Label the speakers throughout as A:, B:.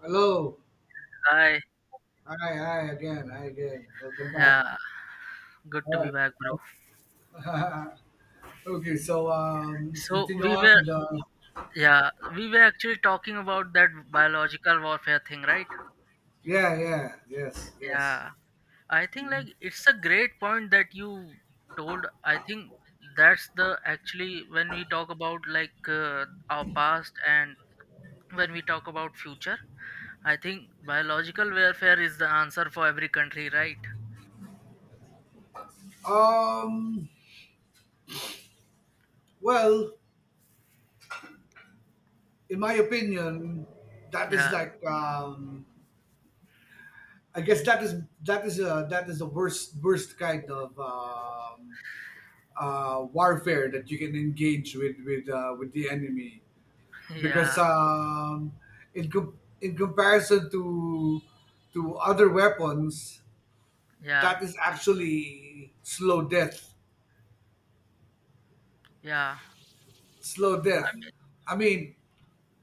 A: Hello.
B: Hi,
A: Hi, hi again. Hi again. Welcome back.
B: yeah, good to be
A: All
B: back, bro.
A: right. Okay, so let's
B: So
A: continue
B: we
A: on
B: were,
A: with
B: yeah, we were actually talking about that biological warfare thing, right?
A: yeah, yeah, yes, yes.
B: Yeah, I think
A: Mhm.
B: like it's a great point that you told. I think that's the actually when we talk about like our past and when we talk about future, I think biological warfare is the answer for every country, right?
A: Um, well, in my opinion, that is
B: Yeah,
A: like I guess that is that is the worst kind of warfare that you can engage with with the enemy. because
B: yeah,
A: um, in comparison to other weapons,
B: yeah,
A: that is actually slow death.
B: yeah.
A: Slow
B: I
A: death.
B: mean,
A: I mean,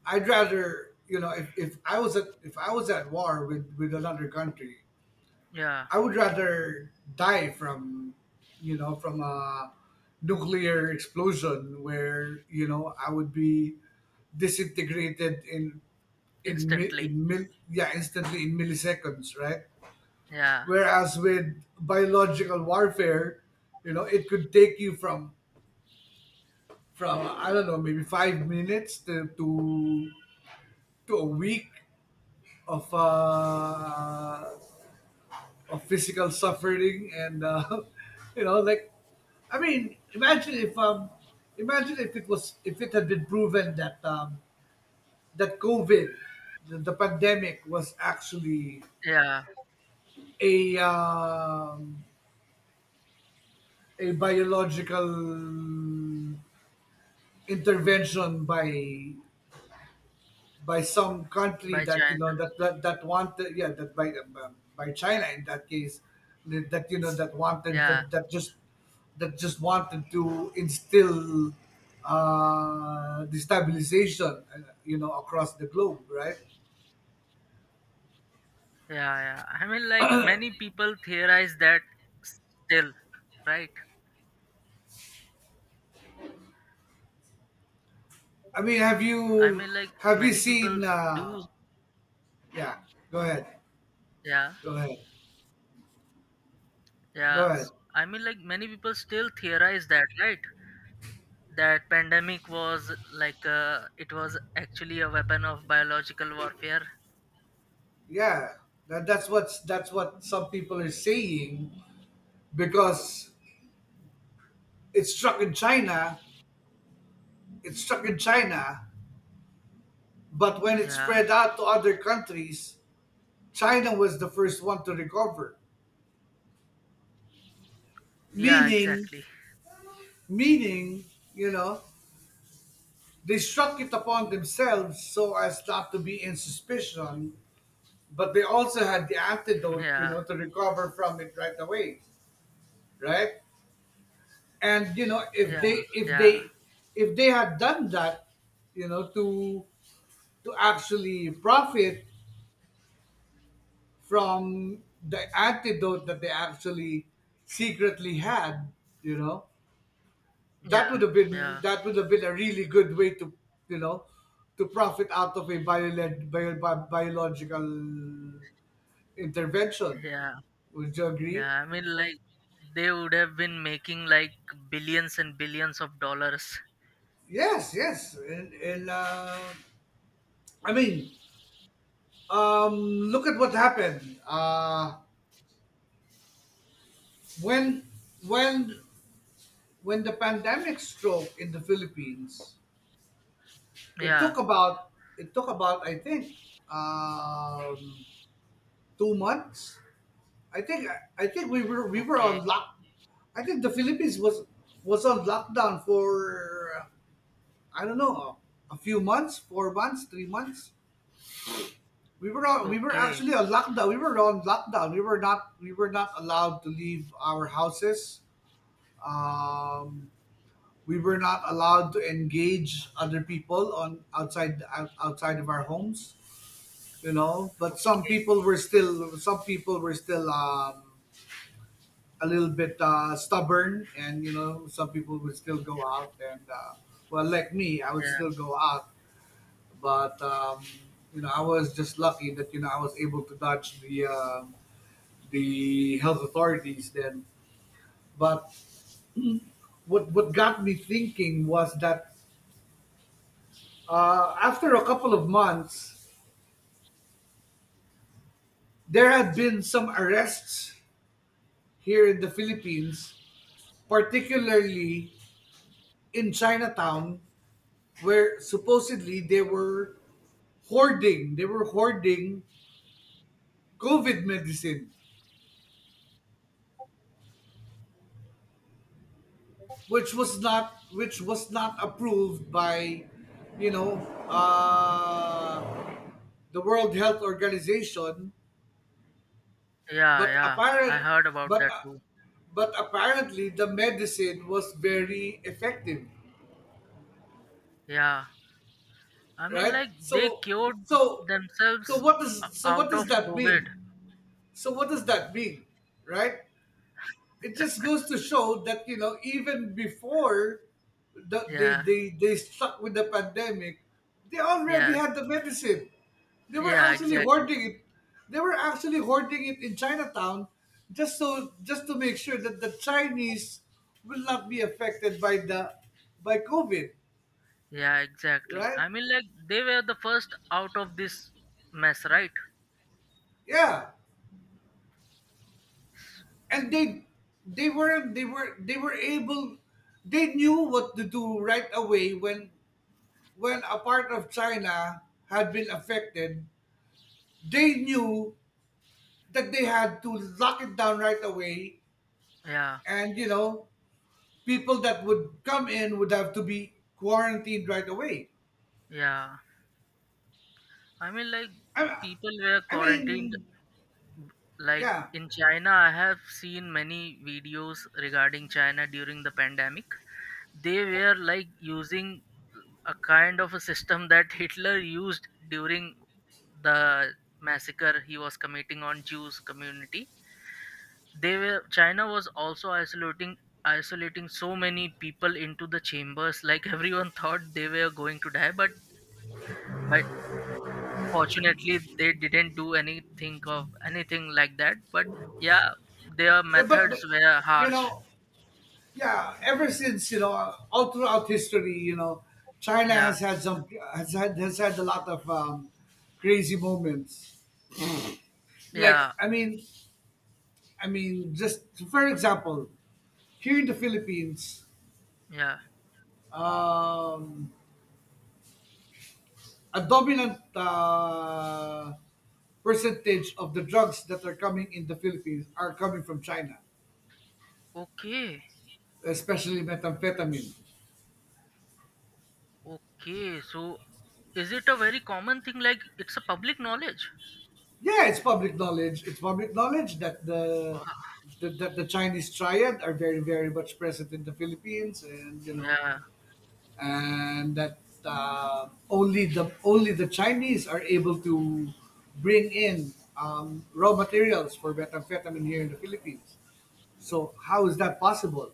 A: I'd rather if, if I was at war with another country,
B: yeah,
A: I would rather die from from a nuclear explosion where I would be disintegrated in
B: instantly.
A: instantly in milliseconds, right?
B: Yeah,
A: Whereas with biological warfare, it could take you from I don't know, maybe 5 minutes to a week of uh of physical suffering and you know like I mean, imagine if it was, if it had been proven that covid, the pandemic was actually
B: yeah,
A: a um, a biological intervention by some country
B: by
A: that you
B: China.
A: know that that, that wanted, yeah, that by China in that case, that, that wanted
B: Yeah,
A: that just wanted to instill destabilization, across the globe, right?
B: yeah, yeah. I mean, like, many people theorize that still, right?
A: I mean,
B: I mean, like,
A: have you
B: many people
A: seen?
B: do.
A: Yeah, go ahead.
B: Yeah,
A: Go ahead. Go
B: yeah.
A: ahead.
B: I mean, like, many people still theorize that, right? That pandemic was like it was actually a weapon of biological warfare.
A: Yeah, that's what's that's what some people are saying, because it's struck in China, it's struck in China, but when it
B: Yeah,
A: spread out to other countries, China was the first one to recover.
B: yeah,
A: Meaning,
B: exactly.
A: meaning, you know, they struck it upon themselves so as not to be in suspicion, but they also had the antidote, you
B: Yeah,
A: know, to recover from it right away, right? And you know,
B: yeah,
A: if
B: yeah,
A: they, if they had done that, you know, to actually profit from the antidote that they actually secretly had, you know, that
B: yeah,
A: would have been,
B: yeah,
A: that would have been a really good way to, you know, to profit out of a biological intervention.
B: yeah,
A: Would you agree?
B: yeah. I mean, like, they would have been making like billions and billions of dollars.
A: Yes, yes, and I mean, look at what happened when when when the pandemic struck in the Philippines. It
B: Yeah.
A: took about, it took about, I think um, 2 months. I think, I think we were on
B: Okay,
A: lock. I think the Philippines was on lockdown for I don't know, a few months, 4 months, 3 months. We were on, we were
B: okay,
A: actually on lockdown. We were on lockdown. We were not, we were not allowed to leave our houses um, we were not allowed to engage other people on outside of our homes, you know. But some
B: okay.
A: people were still, some people were still a little bit stubborn, and you know, some people would still go out, and well, like me, I would
B: Yeah,
A: still go out. But you know, I was just lucky that, you know, I was able to dodge the the health authorities then. But what got me thinking was that, after a couple of months, there had been some arrests here in the Philippines, particularly in Chinatown, where supposedly they were hoarding COVID medicine, which was not approved by, you know, uh, the World Health Organization.
B: yeah,
A: but
B: yeah. I
A: apparent,
B: heard about
A: but
B: that
A: Uh,
B: too.
A: but apparently the medicine was very effective.
B: Yeah. I mean,
A: Right,
B: like, they cured
A: so so
B: themselves
A: what does, so what
B: out
A: does
B: of
A: that mean,
B: COVID.
A: so what does that mean, right? It just goes to show that, you know, even before they
B: Yeah,
A: they stuck with the pandemic, they already
B: yeah,
A: had the medicine. They were
B: yeah,
A: actually
B: exactly.
A: hoarding it. They were actually hoarding it in chinatown, just so, just to make sure that the chinese will not be affected by the, by covid,
B: Yeah, exactly.
A: right?
B: I mean, like, they were the first out of this mess, right?
A: Yeah, and they, they were able, they knew what to do right away when a part of China had been affected. They knew that they had to lock it down right away.
B: Yeah,
A: And you know, people that would come in would have to be quarantined right away.
B: yeah. I mean, like,
A: i,
B: people were
A: I
B: quarantined.
A: mean,
B: b- Like,
A: yeah.
B: in China, I have seen many videos regarding China during the pandemic. They were like using a kind of a system that Hitler used during the massacre he was committing on Jews community. They were China was also isolating so many people into the chambers. Like, everyone thought they were going to die, but fortunately they didn't do anything of anything like that. But yeah, their
A: Yeah, but,
B: methods were
A: you
B: harsh.
A: know, yeah, ever since, you know, all throughout history, you know, China
B: Yeah,
A: has had some, has had a lot of crazy moments. Like,
B: yeah,
A: I mean, just for example, here in the Philippines,
B: yeah.
A: um, a dominant percentage of the drugs that are coming in the Philippines are coming from China,
B: Okay,
A: especially methamphetamine.
B: okay. So is it a very common thing, like it's a public knowledge?
A: Yeah, it's public knowledge. It's public knowledge that that the Chinese triad are very much present in the Philippines, and you know,
B: Yeah,
A: and that only the, only the Chinese are able to bring in, raw materials for methamphetamine here in the Philippines. So how is that possible?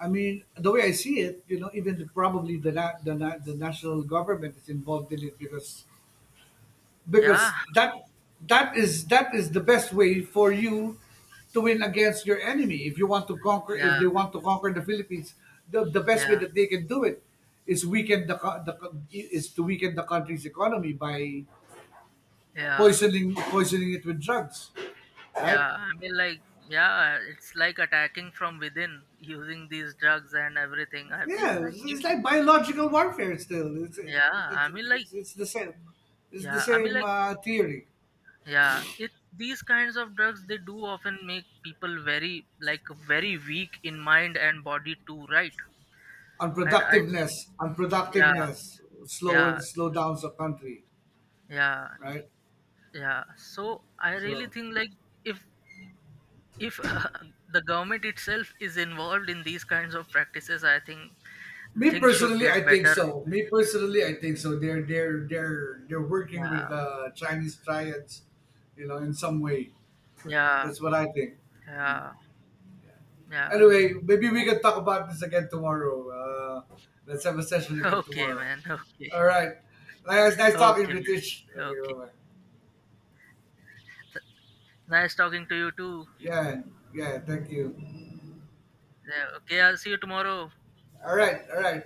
A: I mean, the way I see it, you know, even the, probably the, na- the na- the national government is involved in it, because
B: yeah,
A: because that, that is, that is the best way for you to win against your enemy, if you want to conquer, if
B: yeah,
A: they want to conquer the philippines, the best way
B: yeah,
A: that they can do it is weaken is to weaken the country's economy by
B: yeah,
A: poisoning, poisoning it with drugs, right?
B: yeah. I mean, like, yeah, it's like attacking from within using these drugs and everything. I feel
A: Yeah,
B: like, it,
A: it's like biological warfare still,
B: yeah, I mean, like,
A: it's the same, it's the
B: yeah, I mean,
A: same
B: like,
A: theory.
B: yeah, it these kinds of drugs they do often make people very like very weak in mind and body too, right? And I think,
A: Unproductiveness,
B: yeah,
A: unproductiveness, slow
B: yeah,
A: and slow downs a country,
B: yeah,
A: right?
B: yeah. So I really
A: So
B: think like if if the government itself is involved in these kinds of practices, I think
A: me
B: things should
A: personally,
B: get
A: I think
B: better.
A: so. Me personally, I think so. They're working with
B: Yeah,
A: uh, Chinese clients, you know, in some way.
B: yeah,
A: That's what I think.
B: yeah, yeah.
A: Anyway, maybe we can talk about this again tomorrow. Uh, let's have a session again
B: Okay,
A: tomorrow.
B: man. Okay.
A: All right. Nice, nice talking,
B: Okay,
A: British.
B: man.
A: Okay,
B: Okay,
A: bye bye.
B: nice talking to you too.
A: Yeah, yeah. Thank you.
B: Yeah, okay, I'll see you tomorrow.
A: All right, all right.